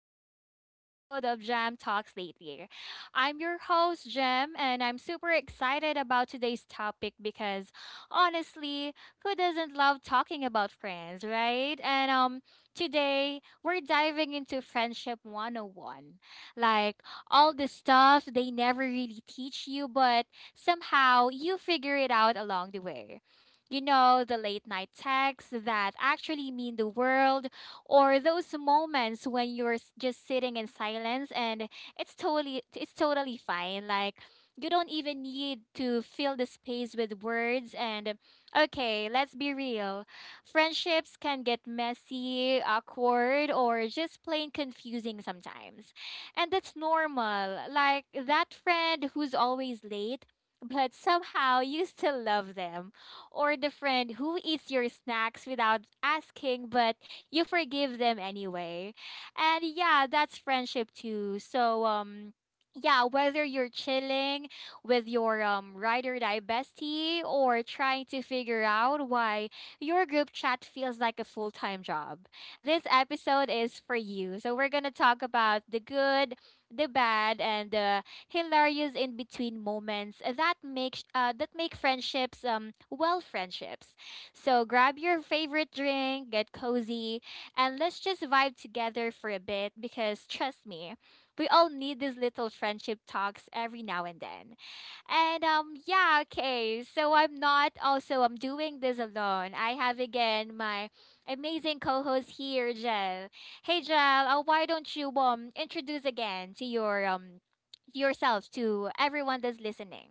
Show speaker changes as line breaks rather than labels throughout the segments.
another episode of Jam Talks Lately. I'm your host, Jam, and I'm super excited about today's topic because honestly, who doesn't love talking about friends, right? And today we're diving into Friendship 101, like all the stuff they never really teach you, but somehow you figure it out along the way. You know, the late night texts that actually mean the world, or those moments when just sitting in silence, and it's totally fine. Like, you don't even need to fill the space with words. And okay, let's be real. Friendships can get messy, awkward, or just plain confusing sometimes. And that's normal. Like that friend who's always late, but somehow you still love them, or the friend who eats your snacks without asking, but you forgive them anyway. And yeah, that's friendship too. So, yeah, whether you're chilling with your ride or die bestie, or trying to figure out why your group chat feels like a full time job, this episode is for you. So, we're going to talk about the good, the bad, and the hilarious in between moments that make friendships, well, friendships. So grab your favorite drink, get cozy, and let's just vibe together for a bit, because trust me, we all need these little friendship talks every now and then. And yeah, okay. So I'm not, also I'm doing this alone. I have again my amazing co-host here, Jel. Hey Jel, why don't you introduce again to yourselves to everyone that's listening.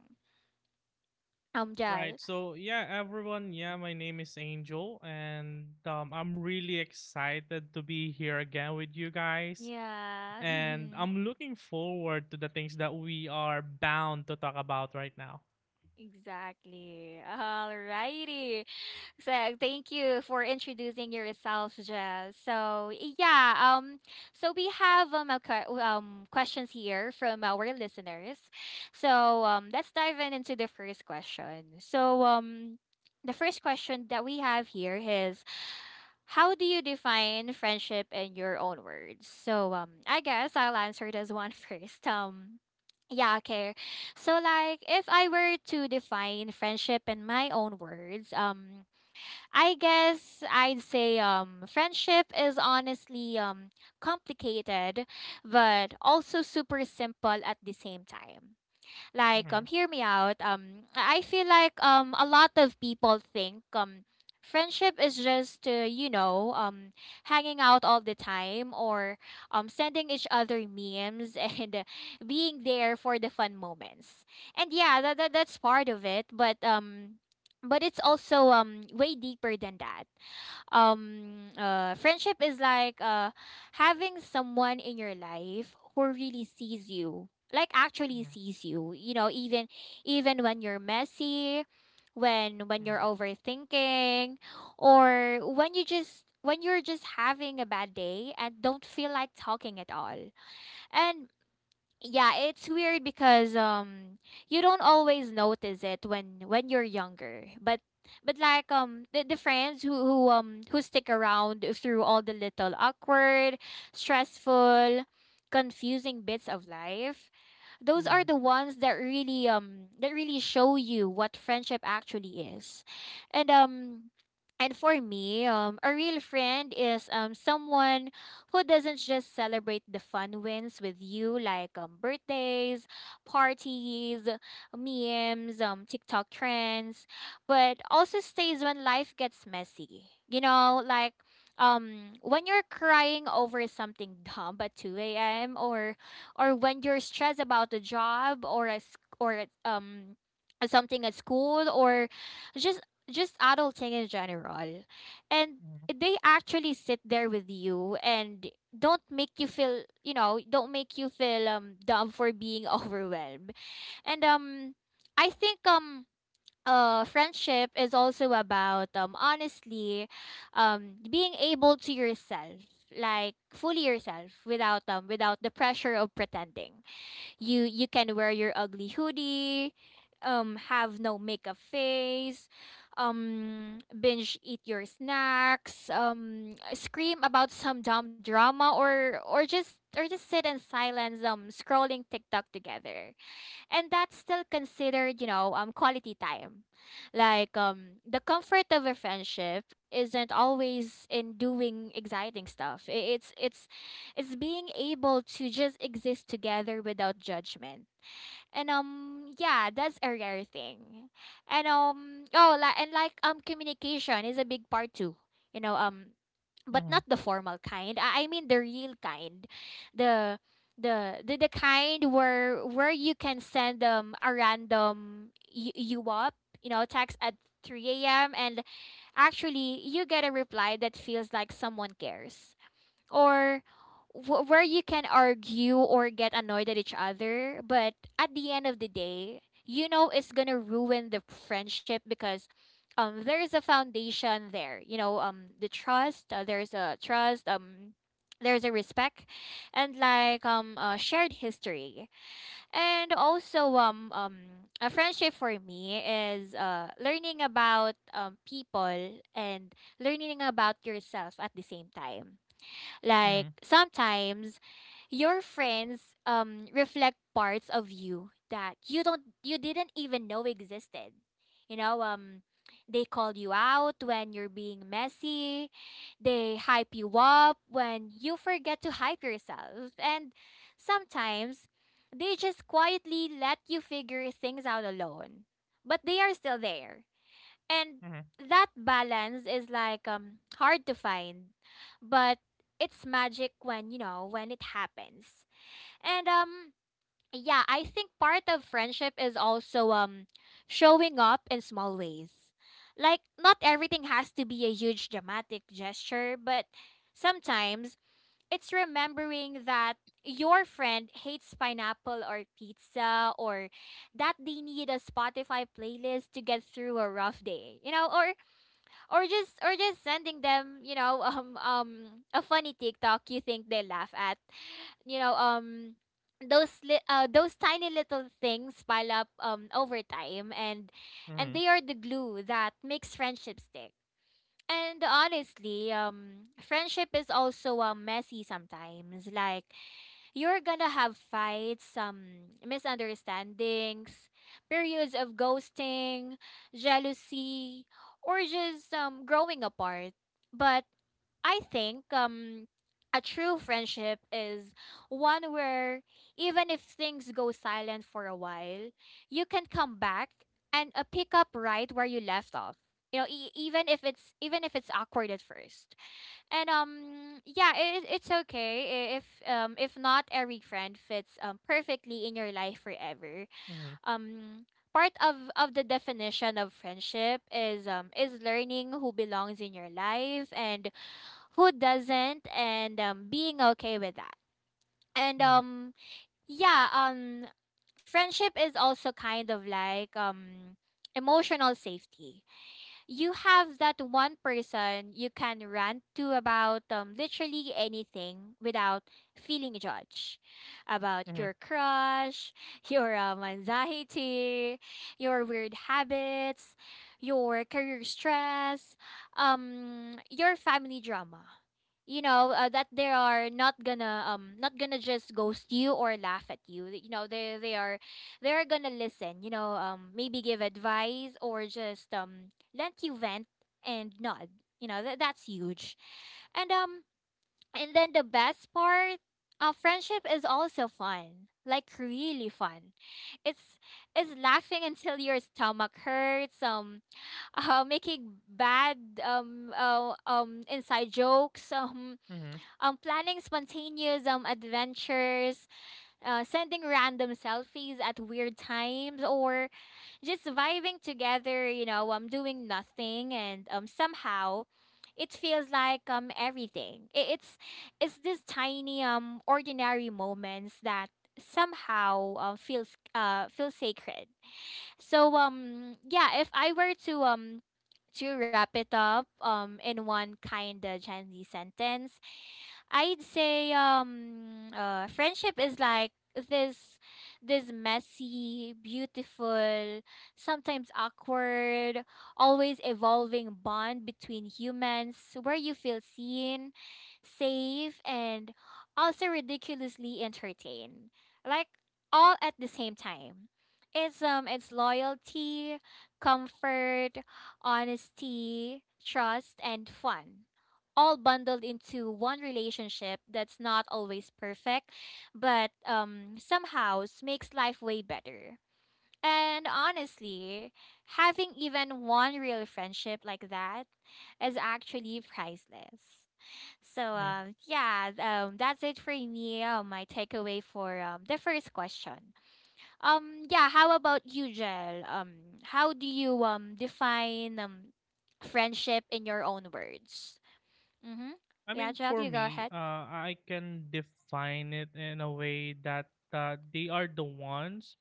Jal.
Right. So yeah, everyone. Yeah, my name is Angel, and I'm really excited to be here again with you guys.
Yeah,
And
mhm,
I'm looking forward to the things that we are bound to talk about right now.
exactly. Alrighty. So thank you for introducing yourself, Jess. So yeah, so we have questions here from our listeners. So let's dive in into the first question. So the first question that we have here is, how do you define friendship in your own words? So I guess I'll answer this one first. Yeah, okay. So, like, if I were to define friendship in my own words, I guess I'd say friendship is honestly complicated, but also super simple at the same time. Like,
Mm-hmm,
hear me out, I feel like a lot of people think friendship is just, hanging out all the time, or sending each other memes and, being there for the fun moments. And yeah, that's part of it, but but it's also way deeper than that. Friendship is like, having someone in your life who really sees you, like, actually sees you you know even even when you're messy, when you're
mm-hmm,
overthinking, or when you're just having a bad day and don't feel like talking at all. And yeah, it's weird because you don't always notice it when you're younger, but like, the friends who stick around through all the little awkward, stressful, confusing bits of life. Those are
mm-hmm,
the ones that really show you what friendship actually is. And and for me, a real friend is someone who doesn't just celebrate the fun wins with you, like birthdays, parties, memes, TikTok trends, but also stays when life gets messy. You know, like when you're crying over something dumb at 2 a.m., or when you're stressed about a job, or a s- or a, something at school, or just just adulting in general. And they actually sit there with you, and don't make you feel, dumb for being overwhelmed. And I think, friendship is also about, honestly, being able to yourself, like fully yourself without without the pressure of pretending. You can wear your ugly hoodie, have no makeup face, binge eat your snacks, scream about some dumb drama, or just sit in silence, scrolling TikTok together, and that's still considered, quality time. Like, the comfort of a friendship isn't always in doing exciting stuff. It's being able to just exist together without judgment. And yeah, that's a rare thing. And oh, like, communication is a big part too, you know um but not
mm-hmm,
the formal kind. I mean the real kind, the the kind where you can send a random, you up, text at 3 a.m. and actually you get a reply that feels like someone cares, or where you can argue or get annoyed at each other. But at the end of the day, you know it's gonna ruin the friendship, because there is a foundation there. You know, the trust. There's a trust. There's a respect, and like, shared history, and also a friendship for me is learning about people, and learning about yourself at the same time. Like
mm-hmm,
sometimes your friends reflect parts of you that you didn't even know existed. You know, they call you out when you're being messy. They hype you up when you forget to hype yourself. And sometimes they just quietly let you figure things out alone. But they are still there, and
mm-hmm,
that balance is like, hard to find, but it's magic when when it happens. And yeah, I think part of friendship is also showing up in small ways. Like, not everything has to be a huge dramatic gesture, but sometimes it's remembering that your friend hates pineapple or pizza, or that they need a Spotify playlist to get through a rough day, or just sending them, a funny TikTok you think they laugh at, you know um those tiny little things pile up over time, and
mm-hmm,
they are the glue that makes friendship stick. And honestly, friendship is also messy sometimes. Like, you're gonna have fights, some misunderstandings, periods of ghosting, jealousy, or just growing apart. But I think, a true friendship is one where even if things go silent for a while, you can come back and, pick up right where you left off. You know, even if it's awkward at first. And yeah, it's okay if not every friend fits perfectly in your life forever.
mm-hmm,
Um Part of the definition of friendship is is learning who belongs in your life and who doesn't, and being okay with that. And
mm-hmm,
yeah, friendship is also kind of like, emotional safety. You have that one person you can rant to about, literally anything, without feeling judged. About
mm-hmm,
your crush, your, anxiety, your weird habits, your career stress, your family drama. You know, that they are not gonna, not gonna just ghost you or laugh at you. You know, they are gonna listen. You know, maybe give advice, or just let you vent and nod. You know, that's huge. And and then the best part, friendship is also fun. Like really fun. It's it's laughing until your stomach hurts, making bad, inside jokes, planning spontaneous, adventures, sending random selfies at weird times, or just vibing together, doing nothing, and somehow, it feels like everything. It's this tiny, ordinary moments that somehow, feel sacred. So yeah, if I were to, to wrap it up, in one kind of Gen Z sentence, I'd say, friendship is like, this this messy, beautiful, sometimes awkward, always evolving bond between humans where you feel seen, safe, and also ridiculously entertained. Like, all at the same time. It's loyalty, comfort, honesty, trust and fun, all bundled into one relationship that's not always perfect, but somehow, makes life way better. And honestly, having even one real friendship like that is actually priceless. So
mm-hmm.
yeah, that's it for me. My takeaway for, the first question. Yeah, how about you, Jel? How do you define friendship in your own words? Mm-hmm.
I
Yeah,
mean,
Jack,
for
you go
me,
ahead.
I can define it in a way that they are the ones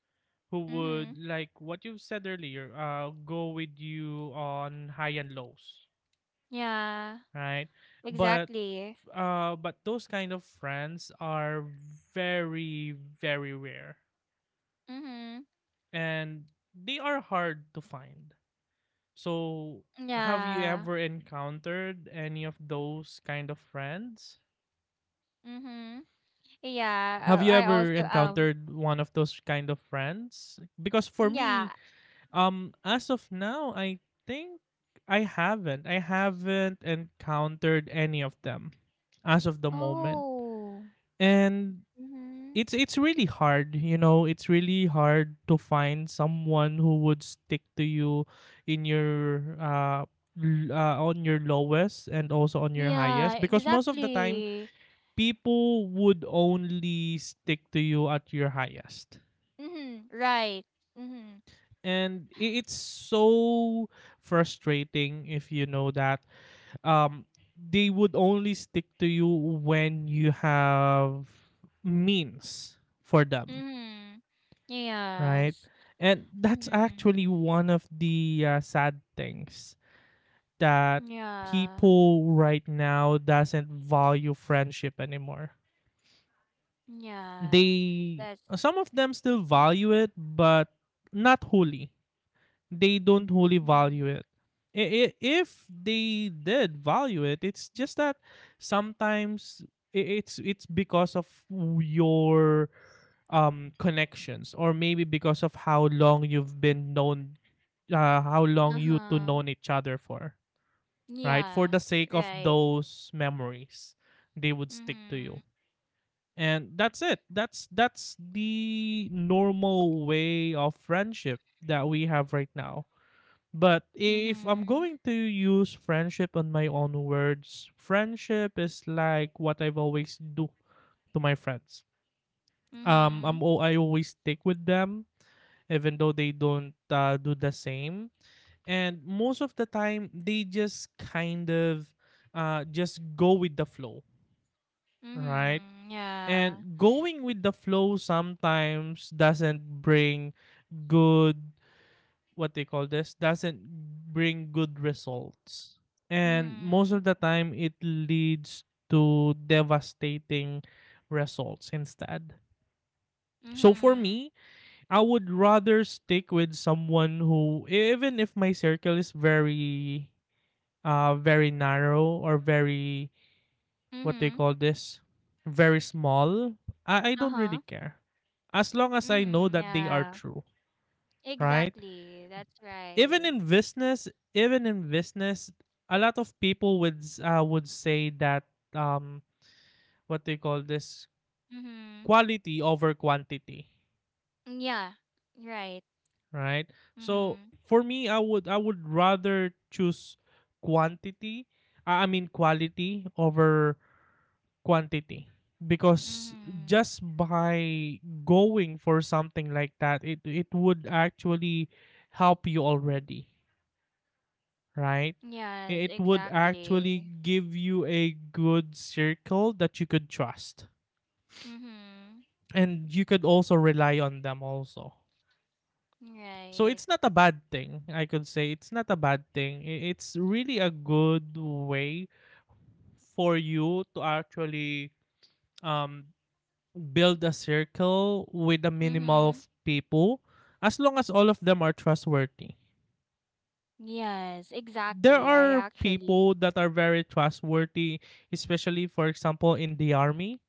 who
Mm-hmm.
would, like what you've said earlier, go with you on high and lows,
Yeah,
right? But
exactly.
but those kind of friends are very, very rare,
Mm-hmm.
and they are hard to find. So, have you
Yeah.
ever encountered any of those kind of friends?
Mm-hmm. Yeah.
Have you
I
ever
also um.
encountered one of those kind of friends? Because for me,
Yeah.
as of now, I think I haven't. I haven't encountered any of them as of the moment.
Oh.
And
Mm-hmm.
it's really hard, it's really hard to find someone who would stick to you in your uh, on your lowest and also on your highest,
Yeah.
because most of the time
Exactly.
people would only stick to you at your highest.
Mm-hmm. Right. Mm-hmm.
And it's so frustrating if you know that um, they would only stick to you when you have means for them,
Mm-hmm.
right?
Yes.
And that's
Mm-hmm.
actually one of the sad things, that
Yeah.
people right now doesn't value friendship anymore.
Yeah.
They
That's.
Some of them still
Mm-hmm.
value it, but not wholly. They don't wholly
Mm-hmm.
value it. If they did value it, it's just that sometimes it's because of your connections, or maybe because of how long you two
Uh-huh.
known each other for, right, for
Yeah.
the sake of
Right.
those memories they would stick to you.
Mm-hmm.
And that's it. That's the normal way of friendship that we have right now. But if I'm
Mm-hmm.
going to use friendship on my own words, friendship is like what I've always do to my friends. I'm
Mhm.
al- i always stick with them, even though they don't do the same. And most of the time they just kind of just go with the flow, right?
Mhm. Yeah.
And going with the flow sometimes doesn't bring good, what they call this, doesn't bring good results. And most of
Mhm.
the time it leads to devastating results instead. So for
Mhm.
me, I would rather stick with someone who, even if my circle is very, very narrow, or very, what they
Mhm.
call this, very small, I don't really
Uh-huh.
care, as long as I know
Mhm.
that they are
Yeah.
true, right?
Exactly. That's
even
right.
in business even in business a lot of people would would say that, um what they call this,
Mhm.
quality over quantity,
Yeah. Right.
right? So
Mhm.
for me, I would rather choose quantity. I mean quality over quantity, because
Mhm.
just by going for something like that, it would actually help you already, right?
Yes,
It would actually
exactly.
give you a good circle that you could trust,
Mhm.
and you could also rely on them also. So
Right.
it's not a bad thing. I could say it's not a bad thing. It's really a good way for you to actually um, build a circle with a minimal
Mhm.
of people, as long as all of them are trustworthy.
Yes,
There
exactly. I
are
actually.
people that are very trustworthy, especially for example in the army,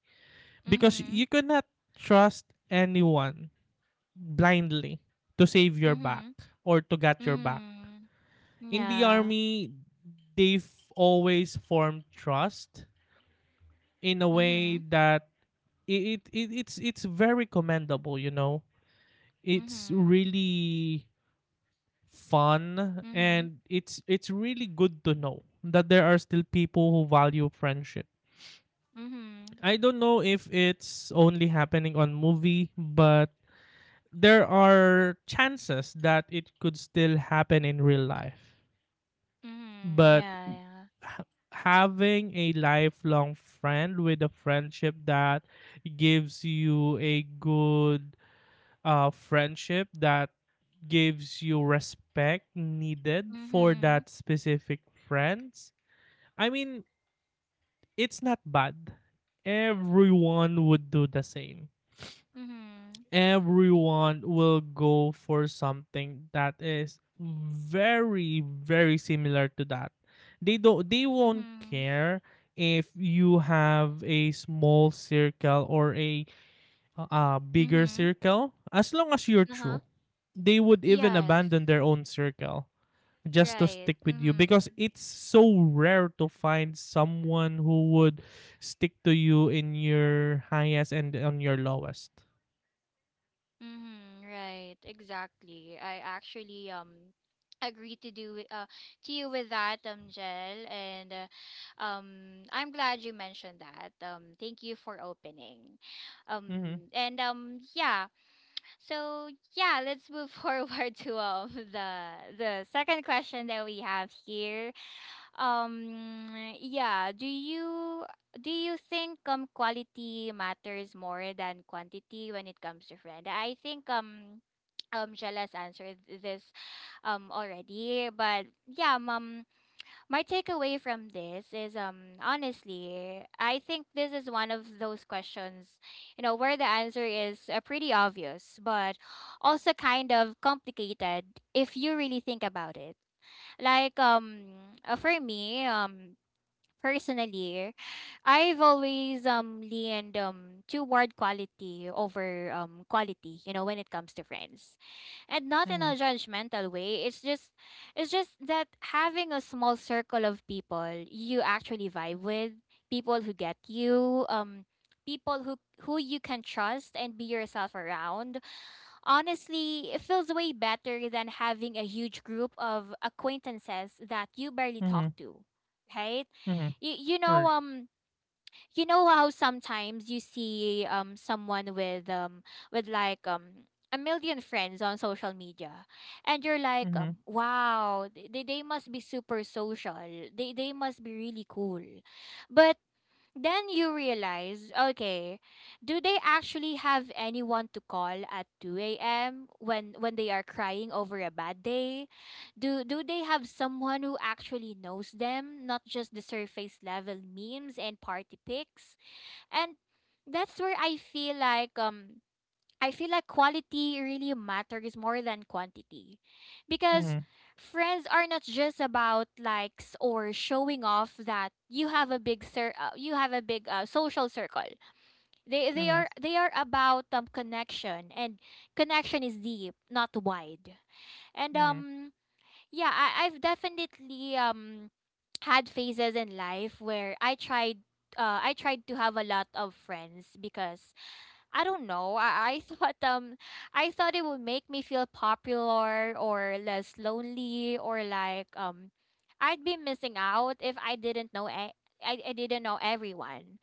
because
Mhm.
you cannot trust anyone blindly to save your back
Mhm.
or to get your back.
Mhm.
In the
Yeah.
army they've always formed trust in a way
Mhm.
that it's very commendable, it's
Mhm.
really fun,
Mhm.
and it's really good to know that there are still people who value friendship.
Mhm.
I don't know if it's only happening on movie, but there are chances that it could still happen in real life.
Mhm.
But
Yeah, yeah.
ha- having a lifelong friend, with a friendship that gives you a good, friendship that gives you respect needed for
Mhm.
that specific friends, I mean, it's not bad. Everyone would do the same.
Mhm.
Everyone will go for something that is very, very similar to that. They won't
Mhm.
care if you have a small circle, or a bigger
Mhm.
circle, as long as you're
Uh-huh.
true. They would even
Yes.
abandon their own circle just to
Right.
stick with you, because
Mhm.
it's so rare to find someone who would stick to you in your highest and on your lowest.
Mhm. Right. Exactly. I actually agree to to you with that Jel and I'm glad you mentioned that. Thank you for opening.
Mhm,
And Yeah. So yeah, let's move forward to the second question that we have here. Um, yeah, do you think quality matters more than quantity when it comes to friend? I think Jella's answered this already, but yeah, my takeaway from this is honestly, I think this is one of those questions, you know, where the answer is pretty obvious, but also kind of complicated if you really think about it. Like for me, personally, I've always leaned toward quality over quality, you know, when it comes to friends. And not in
mhm,
a judgmental way. It's just that having a small circle of people you actually vibe with, people who get you, people who you can trust and be yourself around. Honestly, it feels way better than having a huge group of acquaintances that you barely talk
mhm,
to, right?
mhm,
You, you know
right.
um you know how sometimes you see someone with with like um a million friends on social media and you're like
Mhm,
wow, they must be super social, they must be really cool, but then you realize, okay, do they actually have anyone to call at 2 a.m. when they are crying over a bad day? Do they have someone who actually knows them, not just the surface level memes and party pics? And that's where I feel like quality really matters more than quantity. Because
mhm,
friends are not just about likes or showing off that you have a you have a big social circle. They they
mhm,
are they are about connection, and connection is deep, not wide. And
mhm,
yeah, I've definitely had phases in life where I tried to have a lot of friends because I don't know. I thought I thought it would make me feel popular or less lonely or like I'd be missing out if I didn't know I didn't know everyone.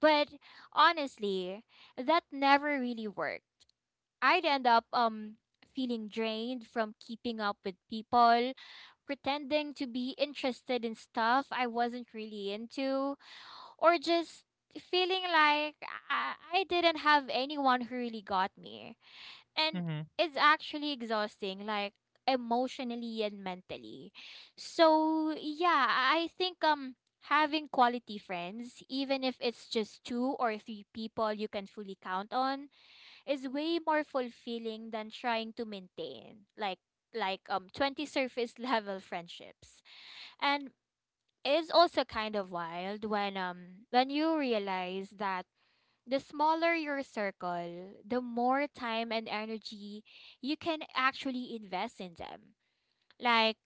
But honestly, that never really worked. I'd end up feeling drained from keeping up with people, pretending to be interested in stuff I wasn't really into or just feeling like I didn't have anyone who really got me. And
mhm,
it's actually exhausting, like emotionally and mentally. So yeah, I think having quality friends, even if it's just two or three people you can fully count on, is way more fulfilling than trying to maintain like 20 surface level friendships. And is also kind of wild when you realize that the smaller your circle, the more time and energy you can actually invest in them. Like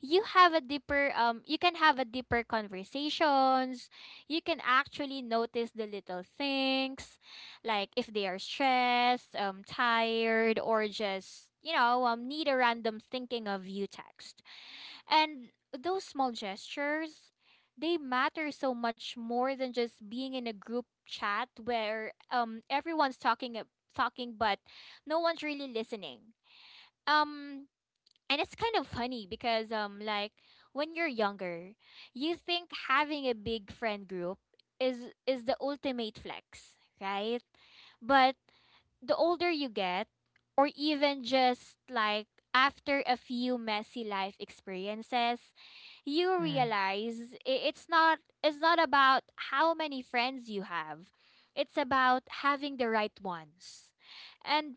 you have a deeper conversations. You can actually notice the little things like if they are stressed, tired, or just you know, need a random thinking of you text, and those small gestures, they matter so much more than just being in a group chat where everyone's talking but no one's really listening. Um and It's kind of funny because when you're younger, you think having a big friend group is the ultimate flex, right? But the older you get, or even just like after a few messy life experiences, you
mhm,
realize it's not about how many friends you have. It's about having the right ones. And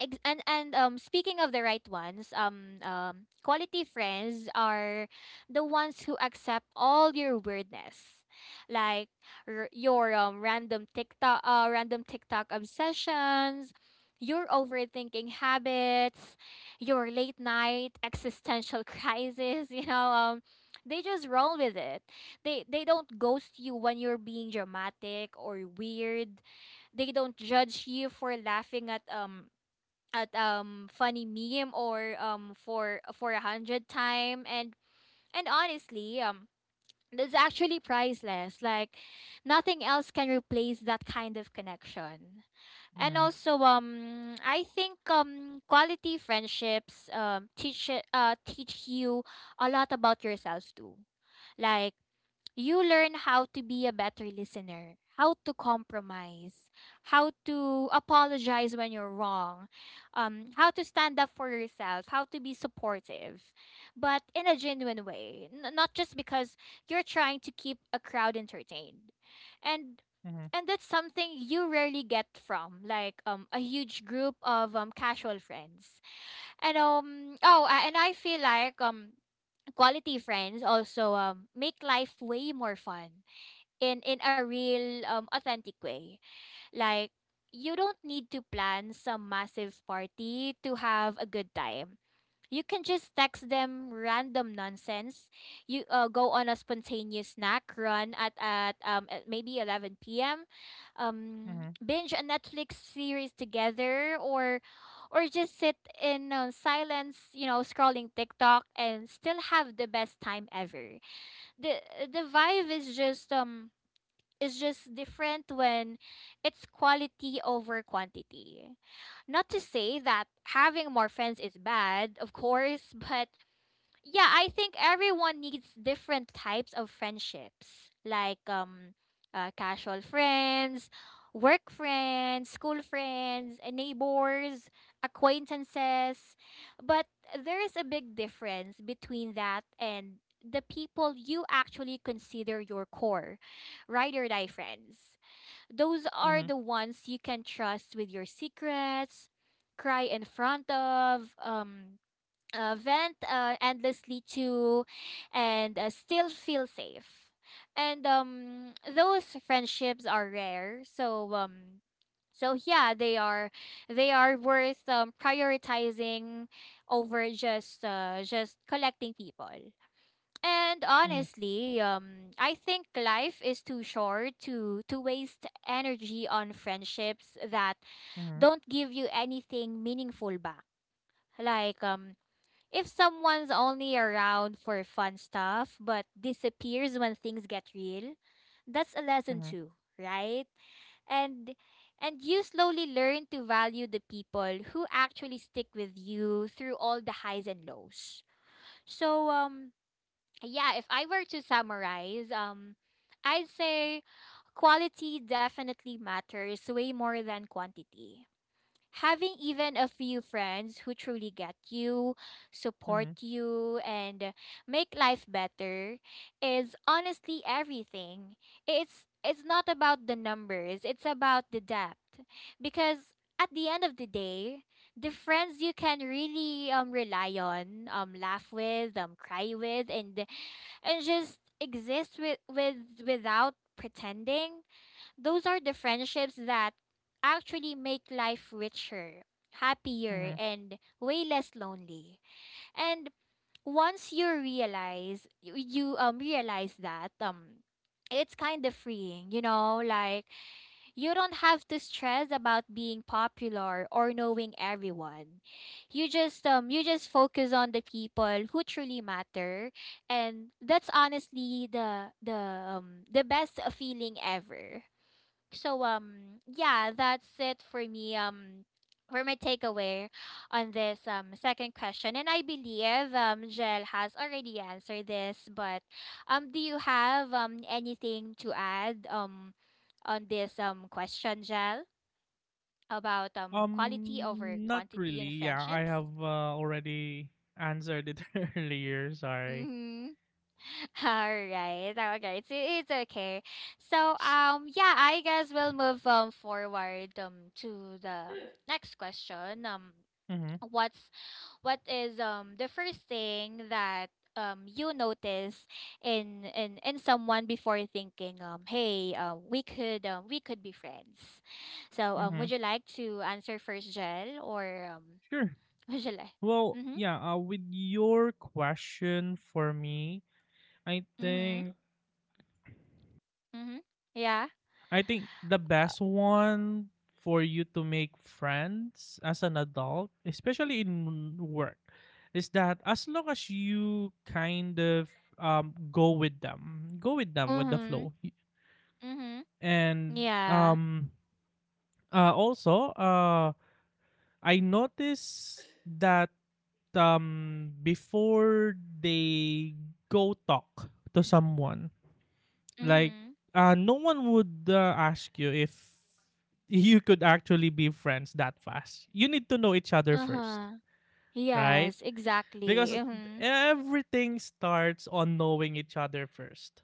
Speaking of the right ones, quality friends are the ones who accept all your weirdness. Like your random TikTok obsessions, your overthinking habits, your late night existential crisis, you know, they just roll with it. They don't ghost you when you're being dramatic or weird. They don't judge you for laughing at funny meme or for a hundred time, and honestly that's actually priceless, like nothing else can replace that kind of connection. And
mhm,
also I think quality friendships teach you a lot about yourselves too, like you learn how to be a better listener, how to compromise, how to apologize when you're wrong, how to stand up for yourself, how to be supportive, but in a genuine way, not just because you're trying to keep a crowd entertained. And
mhm,
and that's something you rarely get from like a huge group of casual friends. And I feel like quality friends also make life way more fun in a real authentic way, like you don't need to plan some massive party to have a good time. You can just text them random nonsense. You go on a spontaneous snack run at at maybe 11 p.m.
mhm,
Binge a Netflix series together, or just sit in silence, you know, scrolling TikTok and still have the best time ever. the The vibe is just different when it's quality over quantity. Not to say that having more friends is bad, of course, but yeah, I think everyone needs different types of friendships, like casual friends, work friends, school friends, neighbors, acquaintances. But there is a big difference between that and the people you actually consider your core, ride or die friends. Those are
mhm,
the ones you can trust with your secrets, cry in front of, vent endlessly to and still feel safe. And those friendships are rare. So so yeah, they are worth prioritizing over just collecting people. And
mhm,
honestly, I think life is too short to waste energy on friendships that
mhm,
don't give you anything meaningful back. Like if someone's only around for fun stuff but disappears when things get real, that's a lesson
mhm,
too, right? And and you slowly learn to value the people who actually stick with you through all the highs and lows. So yeah, if I were to summarize, I'd say quality definitely matters way more than quantity. Having even a few friends who truly get you, support
mhm,
you, and make life better is honestly everything. It's not about the numbers, it's about the depth. Because at the end of the day, the friends you can really rely on, laugh with, cry with and just exist with without pretending, those are the friendships that actually make life richer, happier,
mhm.
and way less lonely. And once you realize you, you realize that it's kind of freeing, you know, like you don't have to stress about being popular or knowing everyone. You just focus on the people who truly matter, and that's honestly the best feeling ever. So yeah, that's it for me for my takeaway on this second question. And I believe Jel has already answered this, but do you have anything to add on this question, Jel, about quality over
Not
quantity
really.
in
Yeah, I
friendships?
have already answered it earlier. Sorry.
Mm-hmm. All right. Okay. It's okay. So yeah, I guess we'll move forward to the next question.
Mm-hmm.
What's what is the first thing that you notice in someone before thinking hey we could be friends. So
Mm-hmm.
would you like to answer first, Jel, or
Sure.
would you like?
Well,
Mhm.
yeah, with your question for me, I
Mhm.
think
Mhm. Yeah.
I think the best one for you to make friends as an adult, especially in work, is that as long as you kind of go with them, with the
Mhm.
flow.
Mm-hmm.
And
Yeah.
also, I noticed that before they go talk to someone, like,
Mm-hmm.
no one would ask you if you could actually be friends that fast. You need to know each other first,
Uh-huh.
right?
Yes, exactly.
Because
Mm-hmm.
everything starts on knowing each other first.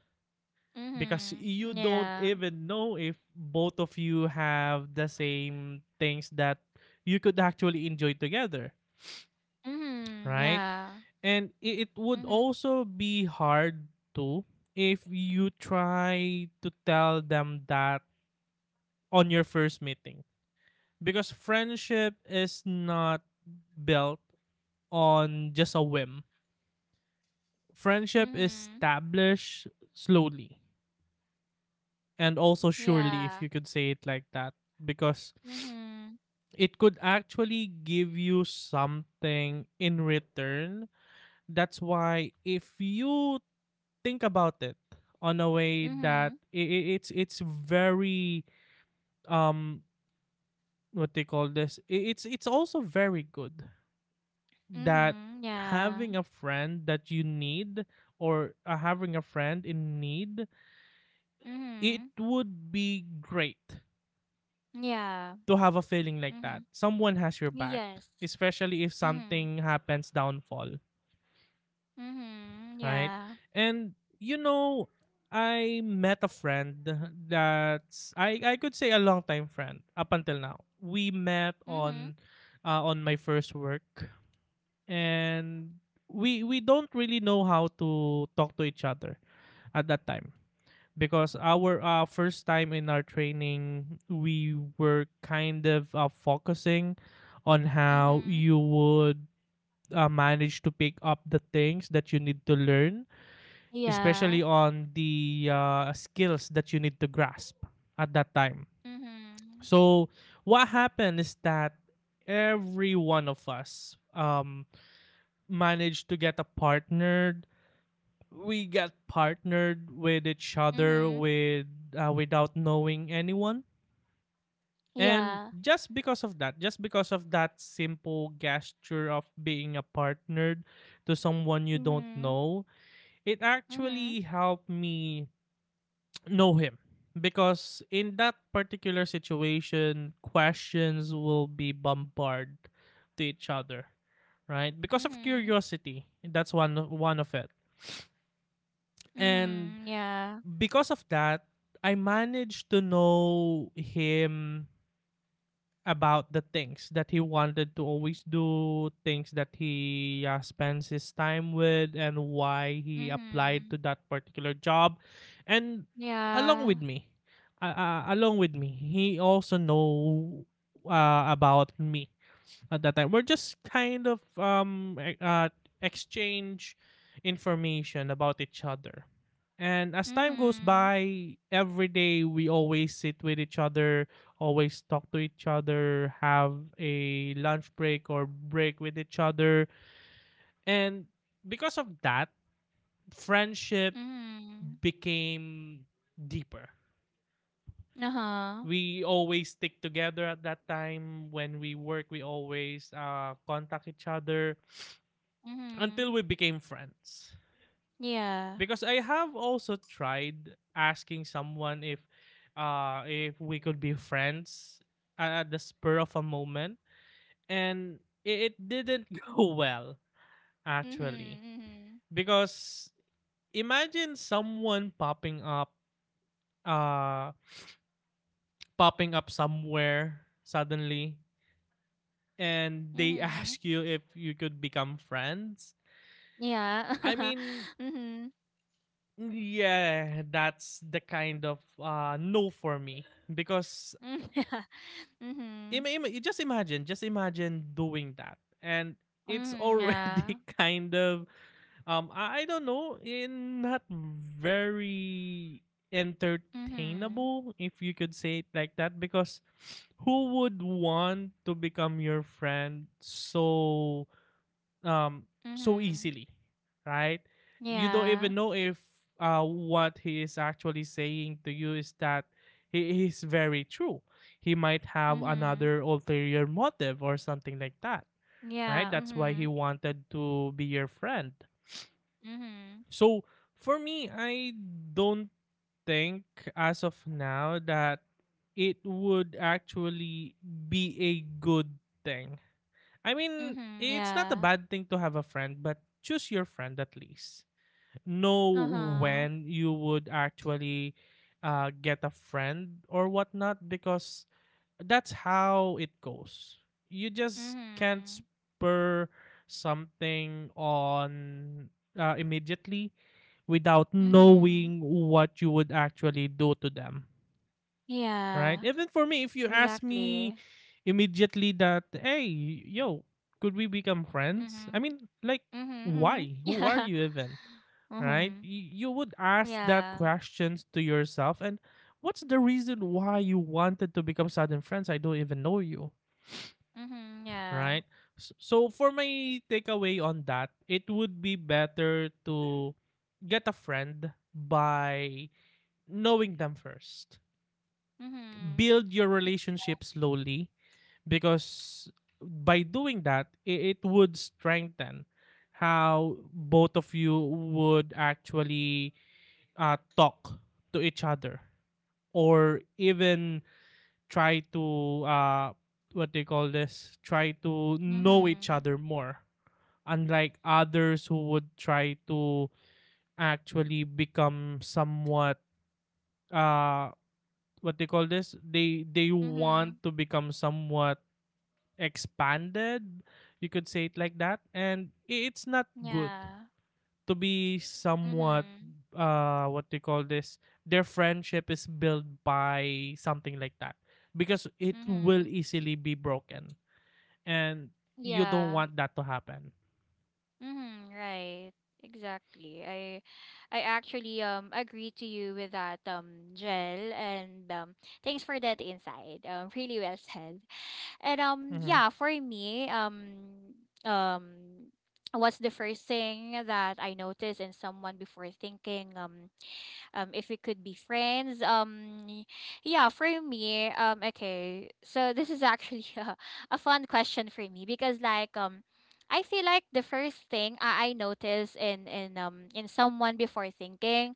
Because
Mm-hmm.
you don't
Yeah.
even know if both of you have the same things that you could actually enjoy together,
Mm-hmm.
right?
Yeah.
And it would
Mm-hmm.
also be hard too if you try to tell them that on your first meeting, because friendship is not built on just a whim. Friendship is
Mm-hmm.
established slowly, and also surely, if
Yeah.
you could say it like that, because
Mm-hmm.
it could actually give you something in return. That's why, if you think about it on a way that
Mm-hmm.
it's very, um what they call this, it's also very good that
Mm-hmm. Yeah.
having a friend that you need, or having a friend in need, it
Mm-hmm.
would be great
Yeah.
to have a feeling like
Mm-hmm.
that. Someone has your back,
Yes.
especially if
Mm-hmm.
something happens downfall,
Mm-hmm.
right?
Yeah.
And you know, I met a friend that's, I could say a long time friend up until now. We met
Mm-hmm.
on, my first work, and we don't really know how to talk to each other at that time, because our first time in our training we were kind of focusing on how
Mm-hmm.
you would manage to pick up the things that you need to learn,
Yeah.
especially on the skills that you need to grasp at that time.
Mm-hmm.
So what happened is that every one of us, managed to get a partner. We got partnered with each other,
Mm-hmm.
without knowing anyone. And
Yeah.
just because of that simple gesture of being a partnered to someone you don't
Mm-hmm.
know, it
Mm-hmm.
actually helped me know him. Because in that particular situation, questions will be bombarded to each other, right? Because of
Mm-hmm.
curiosity. That's one of it. And
Mhm. Yeah.
because of that, I managed to know him, about the things that he wanted to always do, things that he spends his time with, and why he applied
Mhm.
to that particular job. And
Yeah.
along with me, along with me, he also know, about me at that time. We're just kind of exchange information about each other. And as time goes
Mhm.
by, every day we always sit with each other, always talk to each other, have a lunch break or break with each other. And because of that, friendship
Mhm.
became deeper.
Uh-huh.
We always stick together at that time. When we work, we always contact each other until
Mhm.
we became friends.
Yeah.
Because I have also tried asking someone if, if we could be friends at the spur of a moment, and it didn't go well
Mhm.
actually,
Mhm.
because imagine someone uh popping up somewhere suddenly, and they
Mhm.
ask you if you could become friends.
Yeah.
I mean,
Mhm.
yeah, that's the kind of no for me, because
Mm,
just imagine doing that, and it's
yeah.
already kind of, I don't know, in not very
Mhm. Mhm.
entertainable, if you could say it like that, because who would want to become your friend so, um so easily, right? You don't
Yeah.
even know if, what he is actually saying to you is that he is very true. He might have
Mhm.
another ulterior motive or something like that,
Mhm. Yeah.
right,
Mhm.
that's
Yeah.
why he
Mhm.
wanted to be your friend.
Mhm.
So for me, I don't think as of now that it would actually be a good thing. I mean,
Mhm.
it's not a
Yeah.
bad thing to have a friend, but choose your friend at least. Know
Uh-huh.
when you would actually get a friend or whatnot, because that's how it goes. You just can't
Mhm.
spur something on, immediately, without
Mhm.
knowing what you would actually do to them, right?
Yeah.
Even for me, if you ask me
Exactly.
immediately that, hey, yo, could we become friends? I
Mhm.
mean, like,
Mhm, mhm.
why? Who are
Yeah.
you even? Right?
Mhm.
You would ask that
Yeah.
questions to yourself, and what's the reason why you wanted to become sudden friends? I don't even know you,
Mhm, yeah.
right? So for my takeaway on that, it would be better to get a friend by knowing them first.
Mhm.
Build your
Y-
relationship slowly because by doing that it would strengthen how both of you would actually talk to each other or even try to what they call this try to know each
Mhm.
other more, unlike others who would try to actually become somewhat uh what they call this they want
Mhm.
to become somewhat expanded, you could say it like that. And it's not good
Yeah.
to be somewhat
Mhm.
what do you call this, their friendship is built by something like that because it will
Mhm.
easily be broken, and you don't
Yeah.
want that to happen.
Mhm, right. Exactly. I actually agree to you with that Jel, and thanks for that insight. Really well said. And
Mhm.
yeah, for me, um what's the first thing that I notice in someone before thinking if we could be friends? Yeah, for me, okay. So this is actually a fun question for me because like I feel like the first thing I notice in someone before thinking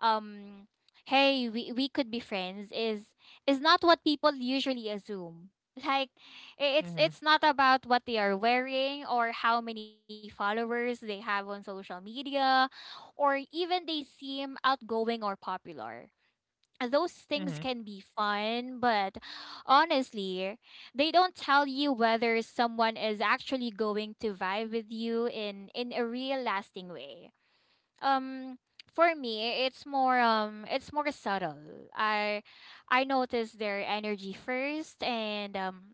um hey we could be friends is not what people usually assume. Like, i- it's
Mhm.
it's not about what they are wearing or how many followers they have on social media, or even they seem outgoing or popular. Those things
Mhm.
can be fun, but honestly they don't tell you whether someone is actually going to vibe with you in a real lasting way. um for me it's more it's more subtle. I i notice their energy first, and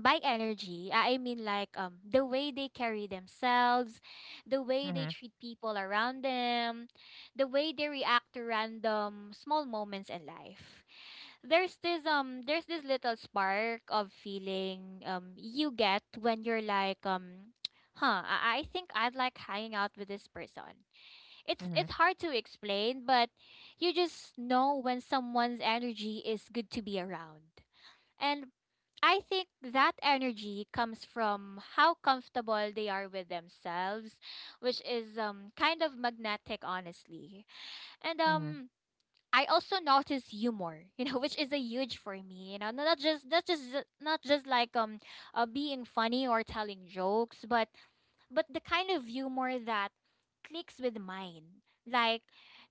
by energy I mean like the way they carry themselves, the way they treat people around them, the way they react to random small moments in life. There's this um there's this little spark of feeling you get when you're like, huh, I think I'd like hanging out with this person. it's
Mhm.
it's hard to explain, but you just know when someone's energy is good to be around. And I think that energy comes from how comfortable they are with themselves, which is kind of magnetic honestly. And
Mhm.
I also notice humor, you know, which is a huge for me. You know, not just like being funny or telling jokes, but the kind of humor that clicks with mine. Like,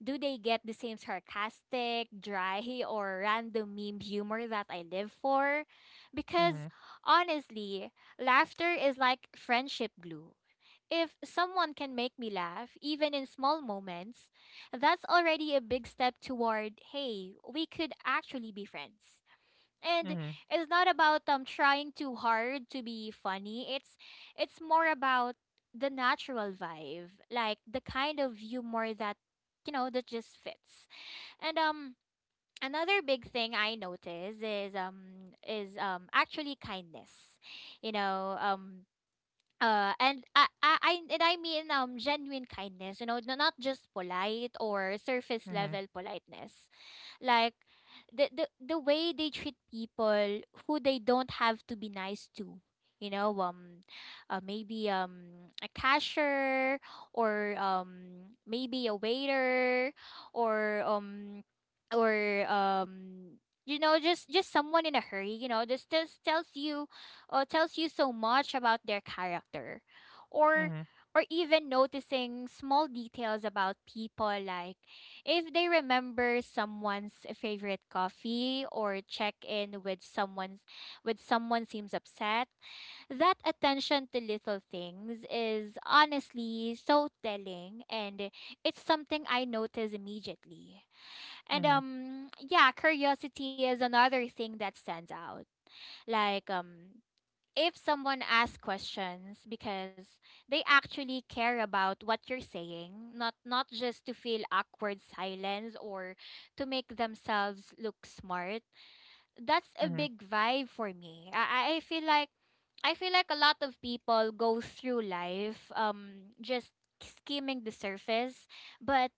do they get the same sarcastic, dry, or random meme humor that I live for? Because
Mhm.
honestly, laughter is like friendship glue. If someone can make me laugh, even in small moments, that's already a big step toward, hey, we could actually be friends. And
Mhm.
it's not about trying too hard to be funny. It's more about the natural vibe, like the kind of humor that, you know, that just fits. And another big thing I notice is actually kindness. You know, and I and I mean genuine kindness, you know, not just polite or surface
Mhm.
level politeness. Like the way they treat people who they don't have to be nice to. You know, maybe a cashier, or maybe a waiter, or or um you know, just someone in a hurry. You know, this just tells you, tells you so much about their character. or
Mhm.
or even noticing small details about people, like if they remember someone's favorite coffee or check in with someone's with someone seems upset, that attention to little things is honestly so telling, and it's something I notice immediately. And
Mhm.
yeah, curiosity is another thing that stands out. Like, if someone asks questions because they actually care about what you're saying, not just to feel awkward silence or to make themselves look smart, that's a
Mhm.
big vibe for me. I feel like I feel like a lot of people go through life just skimming the surface, but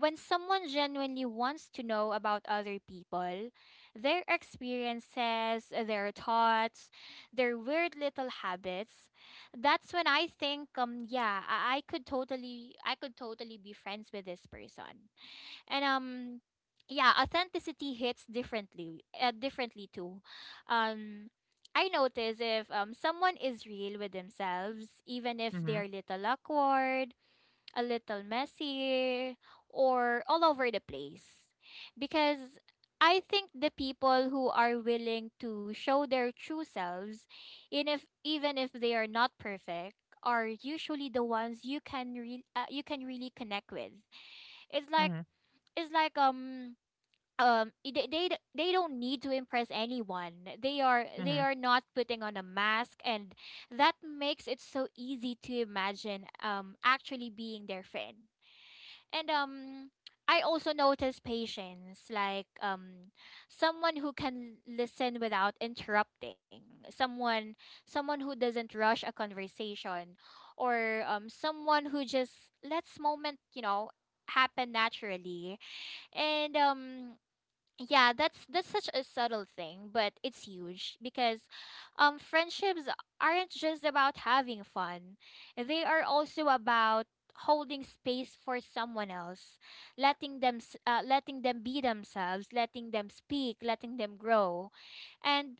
when someone genuinely wants to know about other people, their experiences, their thoughts, their weird little habits, that's when I think, yeah, I could totally be friends with this person. And yeah, authenticity hits differently, differently too. Um I notice if someone is real with themselves, even if they're
Mhm.
a little awkward, a little messy, or all over the place. Because I think the people who are willing to show their true selves, in if even if they are not perfect, are usually the ones you can you can really connect with. It's like
Mhm.
it's like they don't need to impress anyone. They are they
Mhm.
are not putting on a mask, and that makes it so easy to imagine actually being their friend. And I also notice patience. Like, someone who can listen without interrupting, someone someone who doesn't rush a conversation, or someone who just lets moment, you know, happen naturally. And yeah, that's such a subtle thing, but it's huge because friendships aren't just about having fun. They are also about holding space for someone else, letting them letting them be themselves, letting them speak, letting them grow. And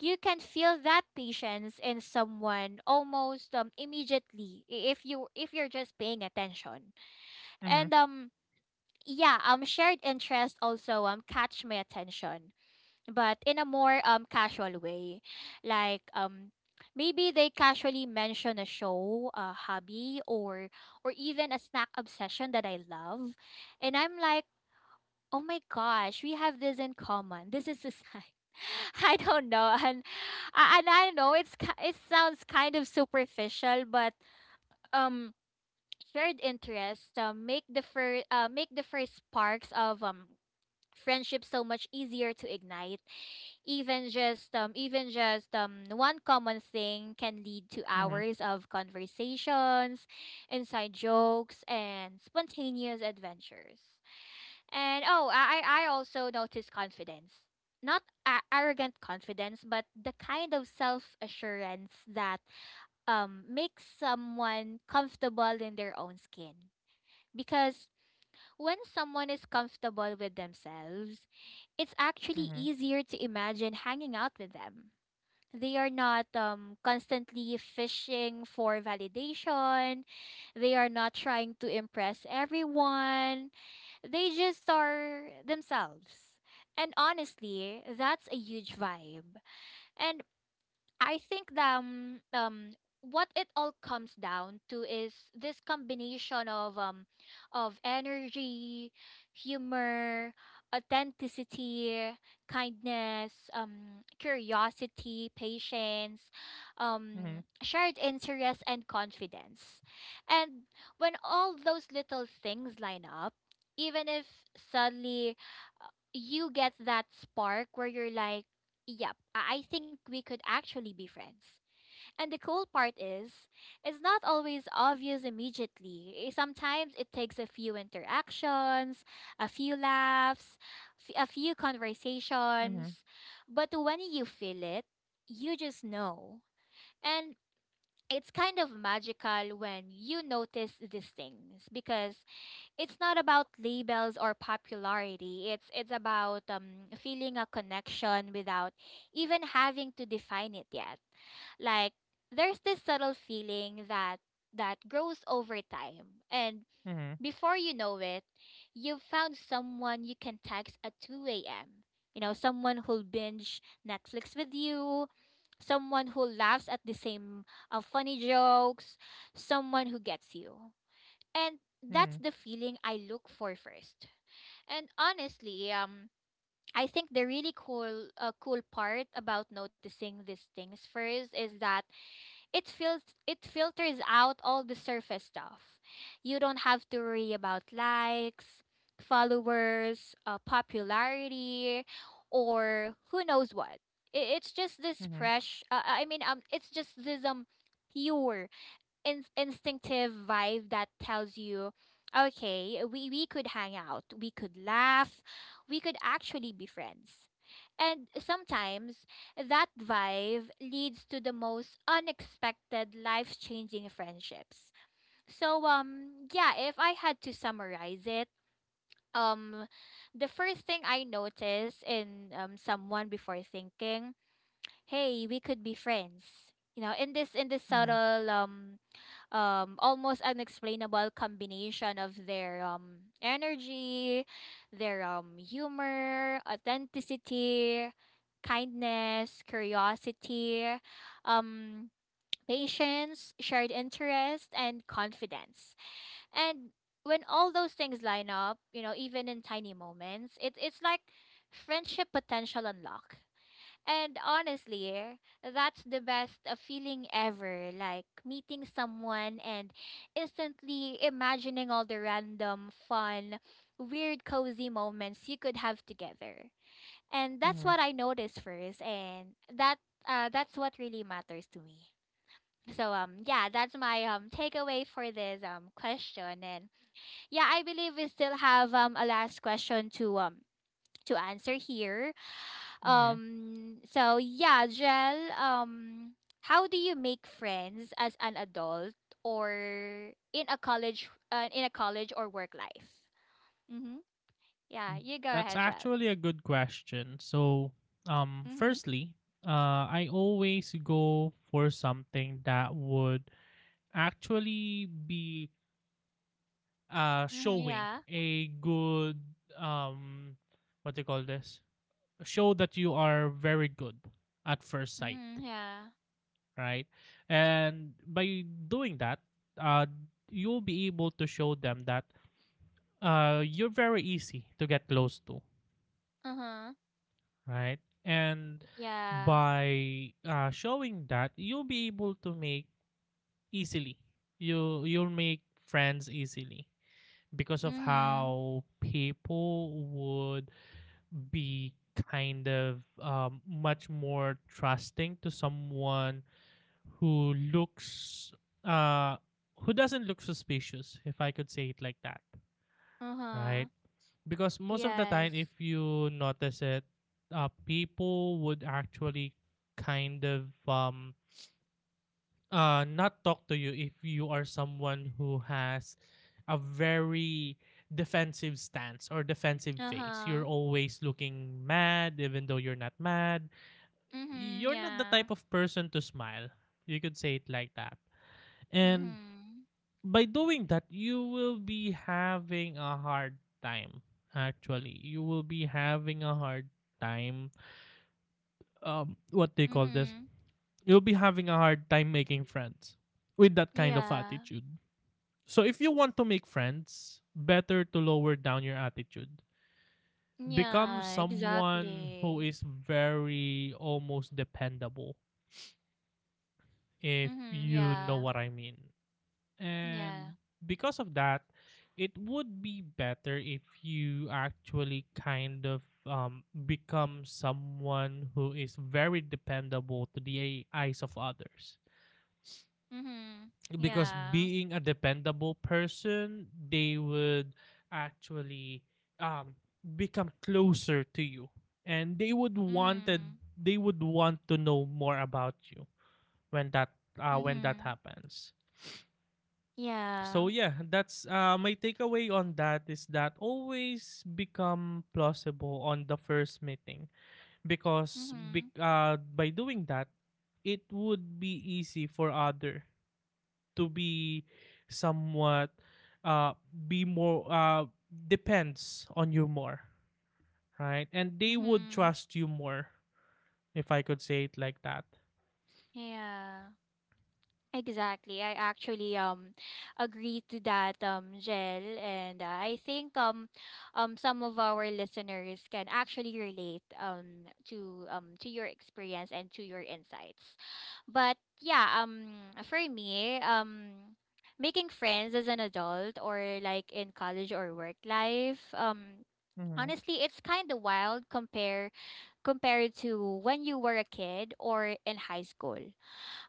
you can feel that patience in someone almost, immediately, if you if you're just paying attention. And
Mhm.
yeah, shared interest also catch my attention, but in a more casual way, like maybe they casually mention a show, a hobby, or even a snack obsession that I love, and I'm like, oh my gosh, we have this in common. This is a sign. I don't know, and I know it sounds kind of superficial, but um shared interests, make the first sparks of friendship so much easier to ignite. Even just one common thing can lead to
Mhm. Mhm. Mhm.
hours of conversations, inside jokes, and spontaneous adventures. And oh, I also noticed confidence, not arrogant confidence, but the kind of self-assurance that makes someone comfortable in their own skin. Because when someone is comfortable with themselves, it's actually easier to imagine hanging out with them. They are not, constantly fishing for validation. They are not trying to impress everyone. They just are themselves. And honestly, that's a huge vibe. And I think that, what it all comes down to is this combination of, of energy, humor, authenticity, kindness, curiosity, patience,
Mhm. Mhm. Mhm.
shared interest and confidence. And when all those little things line up, even if suddenly, uh, you get that spark where you're like, yep, I think we could actually be friends. And the cool part is, it's not always obvious immediately. Sometimes it takes a few interactions, a few laughs, a few
Mhm.
conversations. But when you feel it, you just know. And it's kind of magical when you notice these things because it's not about labels or popularity. It's about feeling a connection without even having to define it yet. Like there's this subtle feeling that that grows over time, and
Mhm.
before you know it, you've found someone you can text at 2 a.m. You know, someone who'll binge Netflix with you, someone who laughs at the same funny jokes, someone who gets you. And that's
Mhm,
the feeling I look for first. And honestly, I think the really cool, cool part about noticing these things first is that it feels it filters out all the surface stuff. You don't have to worry about likes, followers, popularity, or who knows what. It's just this
mhm,
fresh. It's just this, pure instinctive vibe that tells you, okay, we could hang out, we could laugh, we could actually be friends. And sometimes that vibe leads to the most unexpected life-changing friendships. So yeah, if I had to summarize it, um the first thing I notice in someone before thinking, hey, we could be friends. You know, in this
mhm.
subtle almost unexplainable combination of their energy, their humor, authenticity, kindness, curiosity, um patience, shared interest and confidence. And when all those things line up, you know, even in tiny moments, it's like friendship potential unlock. And honestly, that's the best, feeling ever. Like meeting someone and instantly imagining all the random, fun, weird, cozy moments you could have together. And that's
Hmm,
what I noticed first, and that, that's what really matters to me. So yeah, that's my takeaway for this question. And yeah, I believe we still have a last question to answer here.
hmm.
So yeah, Jel, how do you make friends as an adult or in a college, in a college or work life? Mhm. Yeah, you go
That's
ahead, Jel.
actually a good question. So,
Mhm.
firstly, I always go for something that would actually be
Mhm.
showing
Yeah.
a good um what do you call this, show that you are very good at first sight,
Mhm. Yeah.
right? And by doing that, uh, you'll be able to show them that you're very easy to get close to,
Uh-huh.
right? And
Yeah.
by showing that, you'll be able to make easily. You'll make friends easily because of
Mhm.
how people would be kind of much more trusting to someone who looks uh who doesn't look suspicious, if I could say it like that,
Uh-huh.
right? Because most of the time,
Yes.
if you notice it, people would actually kind of not talk to you if you are someone who has a very defensive stance or defensive face. You're
Uh-huh.
always looking mad even though you're not mad,
Mhm.
you're not the
Yeah.
type of person to smile, you could say it like that. And
Mhm.
by doing that you will be having a hard time, actually you will be having a hard time what they call this,
Mhm.
you'll be having a hard time making friends with that kind of
Yeah.
attitude. So if you want to make friends, better to lower down your attitude, become
Yeah,
someone who
exactly.
is very almost dependable, if
Mhm.
you know
Yeah.
what I mean.
Yeah.
And because of that, it would be better if you actually kind of become someone who is very dependable to the eyes of others.
Mhm.
Because
Yeah.
being a dependable person, they would actually um, become closer to you, and
Mhm.
they would want to know more about you when that when that
Mhm.
happens.
Yeah.
So yeah, that's my takeaway on that is that always become plausible on the first meeting because
Mhm.
by doing that, it would be easy for other to be somewhat uh, be more depends on you more, right? And they would
Mhm.
trust you more, if I could say it like that.
Yeah. Exactly. I actually agree to that Jel, and I think some of our listeners can actually relate to your experience and to your insights. But yeah, for me, making friends as an adult or like in college or work life,
Mm-hmm.
honestly, it's kind of wild compared to when you were a kid or in high school.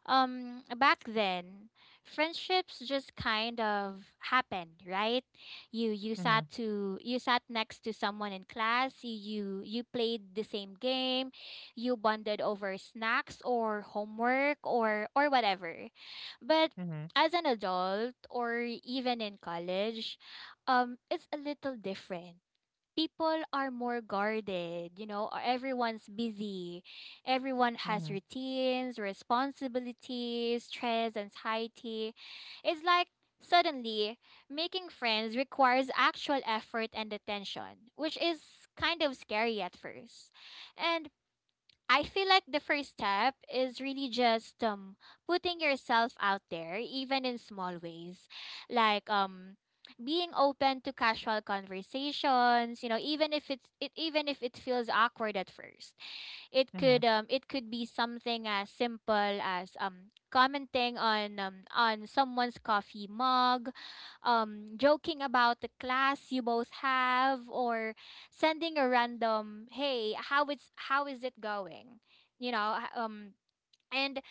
Back then, friendships just kind of happened, right?
Mm-hmm.
You sat next to someone in class, you played the same game, you bonded over snacks or homework or whatever. But
Mm-hmm.
as an adult or even in college, it's a little different. People are more guarded. You know, everyone's busy. Everyone has
Mm-hmm.
routines, responsibilities, stress, anxiety. It's like suddenly making friends requires actual effort and attention, which is kind of scary at first. And I feel like the first step is really just putting yourself out there even in small ways. Like being open to casual conversations, you know, even if it even if it feels awkward at first. It
Mm-hmm.
could um it could be something as simple as commenting on someone's coffee mug, joking about the class you both have, or sending a random, "Hey, how is it going?" You know, and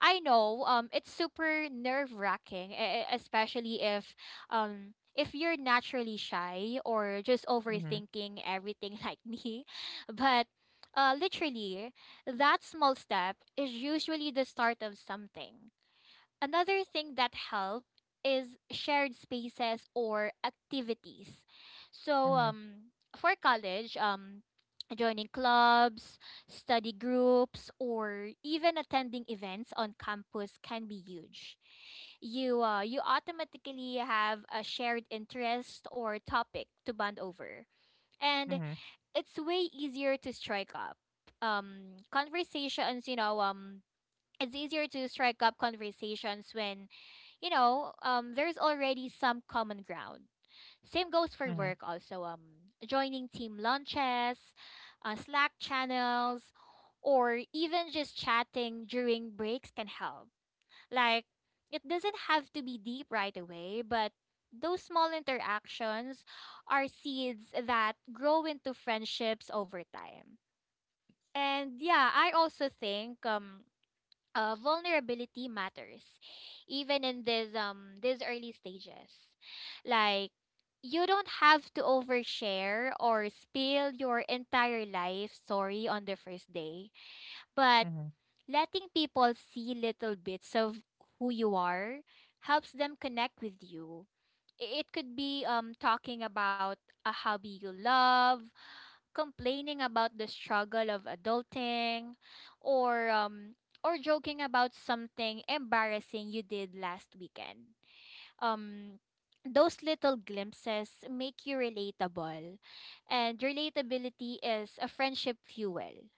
I know it's super nerve-wracking, especially if you're naturally shy or just
Mm-hmm.
overthinking everything like me. But literally that small step is usually the start of something. Another thing that help is shared spaces or activities. So
Mm-hmm.
for college, joining clubs, study groups, or even attending events on campus can be huge. You automatically have a shared interest or topic to bond over. And
Mm-hmm.
it's way easier to strike up conversations, you know, it's easier to strike up conversations when, you know, there's already some common ground. Same goes for
Mm-hmm.
work also. Joining team lunches, Slack channels, or even just chatting during breaks can help. Like, it doesn't have to be deep right away, but those small interactions are seeds that grow into friendships over time. And yeah, I also think vulnerability matters even in this these early stages, like, you don't have to overshare or spill your entire life story on the first day, but
Mm-hmm.
letting people see little bits of who you are helps them connect with you. It could be talking about a hobby you love, complaining about the struggle of adulting, or or joking about something embarrassing you did last weekend. Um those little glimpses make you relatable, and relatability is a friendship fuel.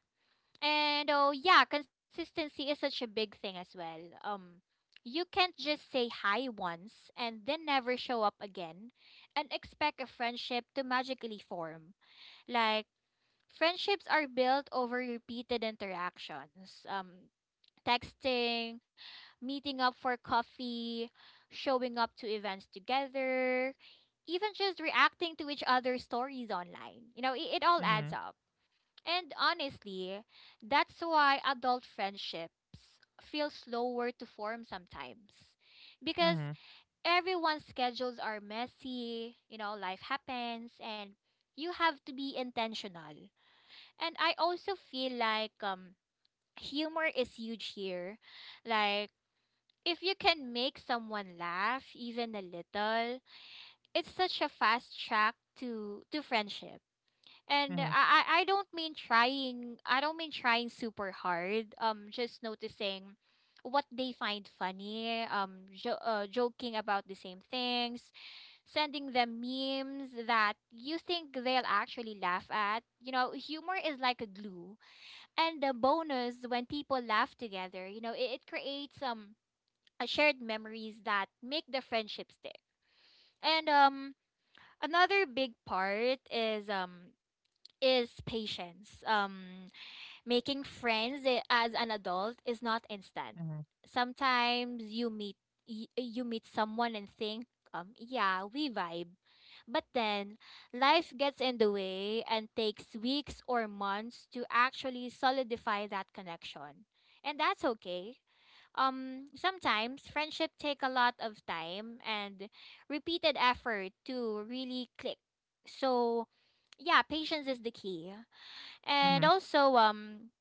And oh yeah, consistency is such a big thing as well. You can't just say hi once and then never show up again and expect a friendship to magically form. Like, friendships are built over repeated interactions, texting, meeting up for coffee, showing up to events together, even just reacting to each other's stories online. You know, it all
Mm-hmm.
adds up. And honestly, that's why adult friendships feel slower to form sometimes, because everyone's schedules are messy. You know, life happens, and you have to be intentional. And I also feel like humor is huge here. Like, if you can make someone laugh even a little, it's such a fast track to friendship. And
Mm-hmm.
I don't mean trying super hard. Just noticing what they find funny, joking about the same things, sending them memes that you think they'll actually laugh at. You know, humor is like a glue, and the bonus, when people laugh together, you know, it creates a shared memories that make the friendship stick. And another big part is patience. Making friends as an adult is not instant.
Mm-hmm.
Sometimes you you meet someone and think, yeah, we vibe. But then life gets in the way and takes weeks or months to actually solidify that connection. And that's okay. Sometimes friendship take a lot of time and repeated effort to really click, so yeah, patience is the key.
Mm-hmm.
And also,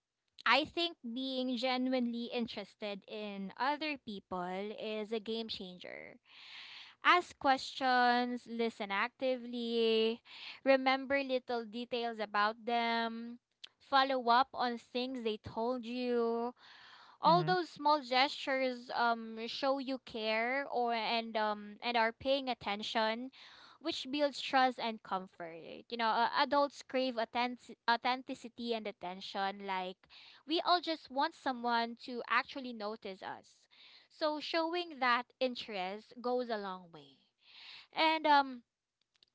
I think being genuinely interested in other people is a game changer. Ask questions, listen actively, remember little details about them, follow up on things they told you. All
Mm-hmm.
those small gestures show you care or and are paying attention, which builds trust and comfort. You know, adults crave authenticity and attention. Like, we all just want someone to actually notice us, so showing that interest goes a long way. And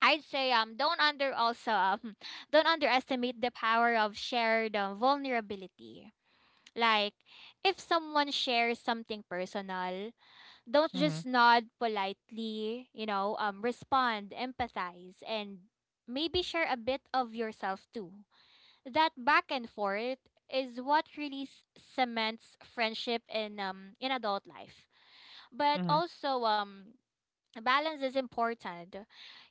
I'd say don't under also don't underestimate the power of shared vulnerability. Like, if someone shares something personal, don't
Mm-hmm. Mm-hmm.
just nod politely. You know, respond, empathize, and maybe share a bit of yourself too. That back and forth is what really cements friendship in adult life. But
Mm-hmm.
also, balance is important.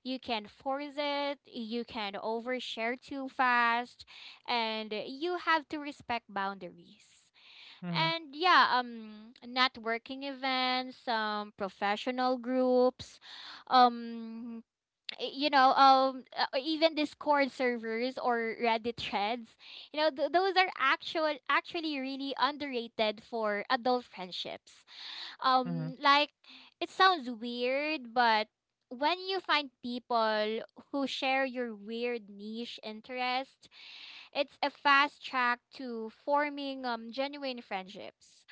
You can force it, you can overshare too fast, and you have to respect boundaries.
Mm-hmm.
And yeah, networking events, professional groups, um you know, even Discord servers or Reddit threads. You know, those are actually really underrated for adult friendships.
Mm-hmm.
Like, it sounds weird, but when you find people who share your weird niche interest, it's a fast track to forming genuine friendships.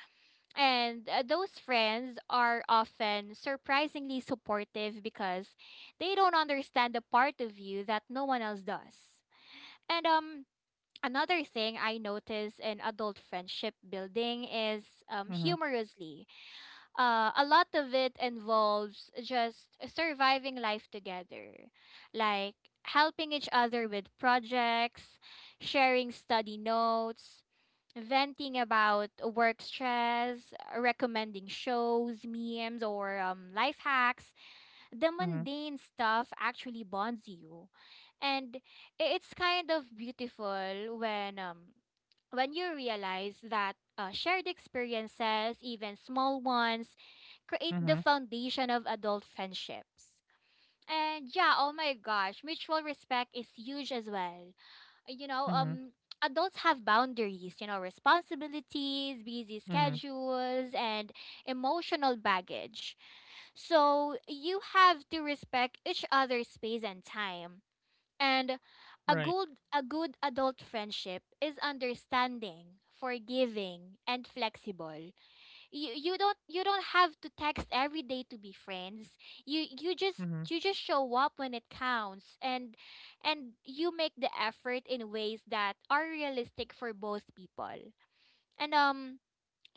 And those friends are often surprisingly supportive because they don't understand the part of you that no one else does. And another thing I notice in adult friendship building is
Mm-hmm. Mm-hmm.
humorously. A lot of it involves just surviving life together. Like, helping each other with projects, sharing study notes, venting about work stress, recommending shows, memes, or life hacks. The
Mm-hmm.
mundane stuff actually bonds you. And it's kind of beautiful when you realize that shared experiences, even small ones, create
Mm-hmm.
the foundation of adult friendships. And yeah, oh my gosh, mutual respect is huge as well. You know, adults have boundaries, you know, responsibilities, busy
Mm-hmm.
schedules, and emotional baggage. So you have to respect each other's space and time. And a
Right.
good a good adult friendship is understanding, forgiving, and flexible. You don't have to text every day to be friends. you you just
Mhm.
you just show up when it counts, and you make the effort in ways that are realistic for both people. And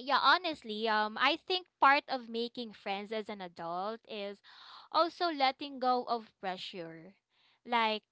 yeah, honestly, I think part of making friends as an adult is also letting go of pressure. Like,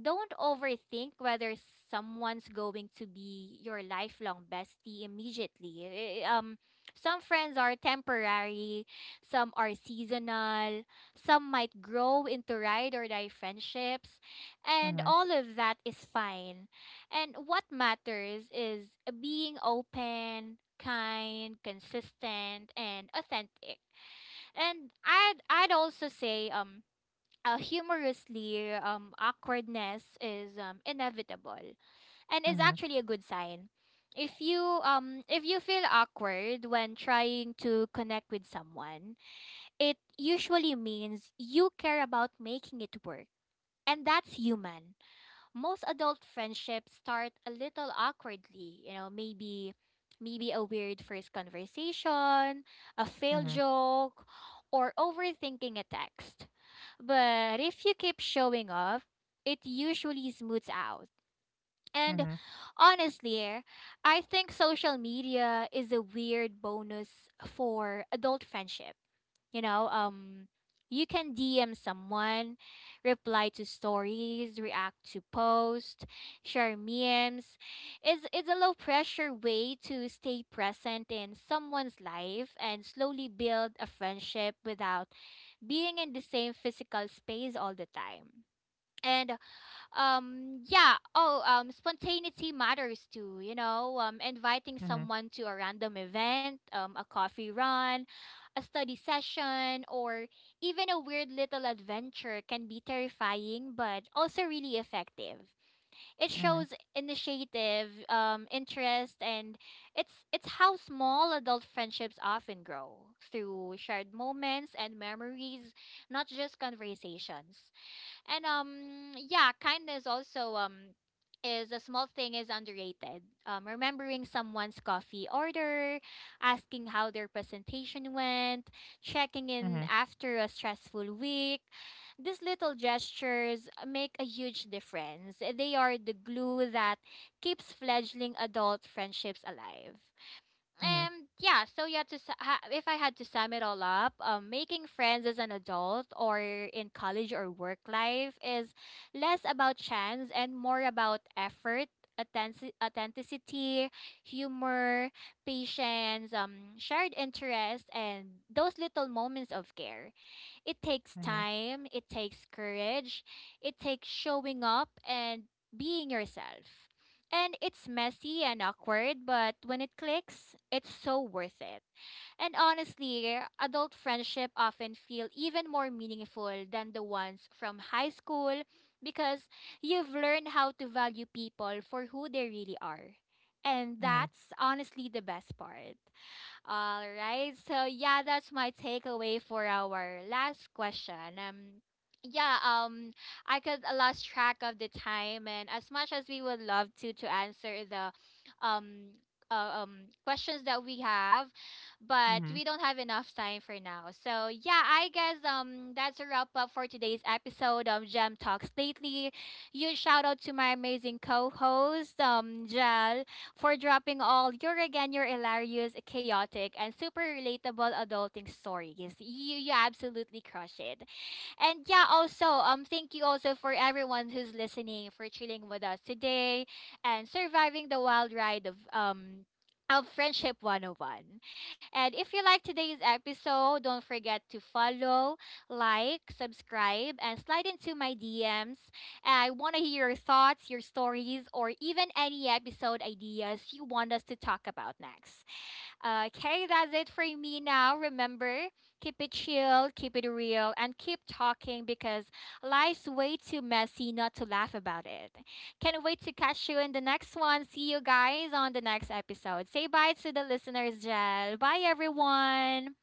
don't overthink whether someone's going to be your lifelong bestie immediately. Some friends are temporary, some are seasonal, some might grow into ride or die friendships, and
Mhm.
all of that is fine. And what matters is being open, kind, consistent, and authentic. And I'd also say humorously, awkwardness is inevitable and is
Mhm.
actually a good sign. If you feel awkward when trying to connect with someone, it usually means you care about making it work. And that's human. Most adult friendships start a little awkwardly, you know, maybe a weird first conversation, a failed
Mhm.
joke, or overthinking a text. But if you keep showing up, it usually smooths out.
Mhm.
And honestly, I think social media is a weird bonus for adult friendship. You know, you can DM someone, reply to stories, react to posts, share memes. It's a low pressure way to stay present in someone's life and slowly build a friendship without being in the same physical space all the time. And yeah, spontaneity matters too. You know, inviting
Mhm.
someone to a random event, a coffee run, a study session, or even a weird little adventure can be terrifying but also really effective. It
Mhm.
shows initiative, interest, and it's how small adult friendships often grow through shared moments and memories, not just conversations. And yeah, kindness also is a small thing, is underrated. Remembering someone's coffee order, asking how their presentation went, checking
Mhm.
in after a stressful week. These little gestures make a huge difference. They are the glue that keeps fledgling adult friendships alive.
Mhm.
And yeah, so yeah, if I had to sum it all up, making friends as an adult or in college or work life is less about chance and more about effort, authenticity, humor, patience, shared interest, and those little moments of care. It takes
Mhm.
time. It takes courage. It takes showing up and being yourself. And it's messy and awkward, but when it clicks, it's so worth it. And honestly, adult friendship often feel even more meaningful than the ones from high school because you've learned how to value people for who they really are. And
Mhm.
that's honestly the best part. All right. So yeah, that's my takeaway for our last question. Yeah, I could lost track of the time, and as much as we would love to answer the um uh, um questions that we have,
Mhm.
but we don't have enough time for now. So yeah, I guess that's a wrap up for today's episode of Gem Talks Lately. Huge shout out to my amazing co-host, Jel, for dropping all your again your hilarious, chaotic, and super relatable adulting stories. You absolutely crush it. And yeah, also, thank you also for everyone who's listening, for chilling with us today and surviving the wild ride of Friendship 101. And if you like today's episode, don't forget to follow, like, subscribe, and slide into my DMs. I want to hear your thoughts, your stories, or even any episode ideas you want us to talk about next. Okay, that's it for me now. Remember, keep it chill, keep it real, and keep talking, because life's way too messy not to laugh about it. Can't wait to catch you in the next one. See you guys on the next episode. Say bye to the listeners, Jel. Bye, everyone.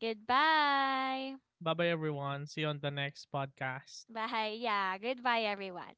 Goodbye.
Bye bye, everyone. See you on the next podcast.
Bye. Yeah, goodbye, everyone.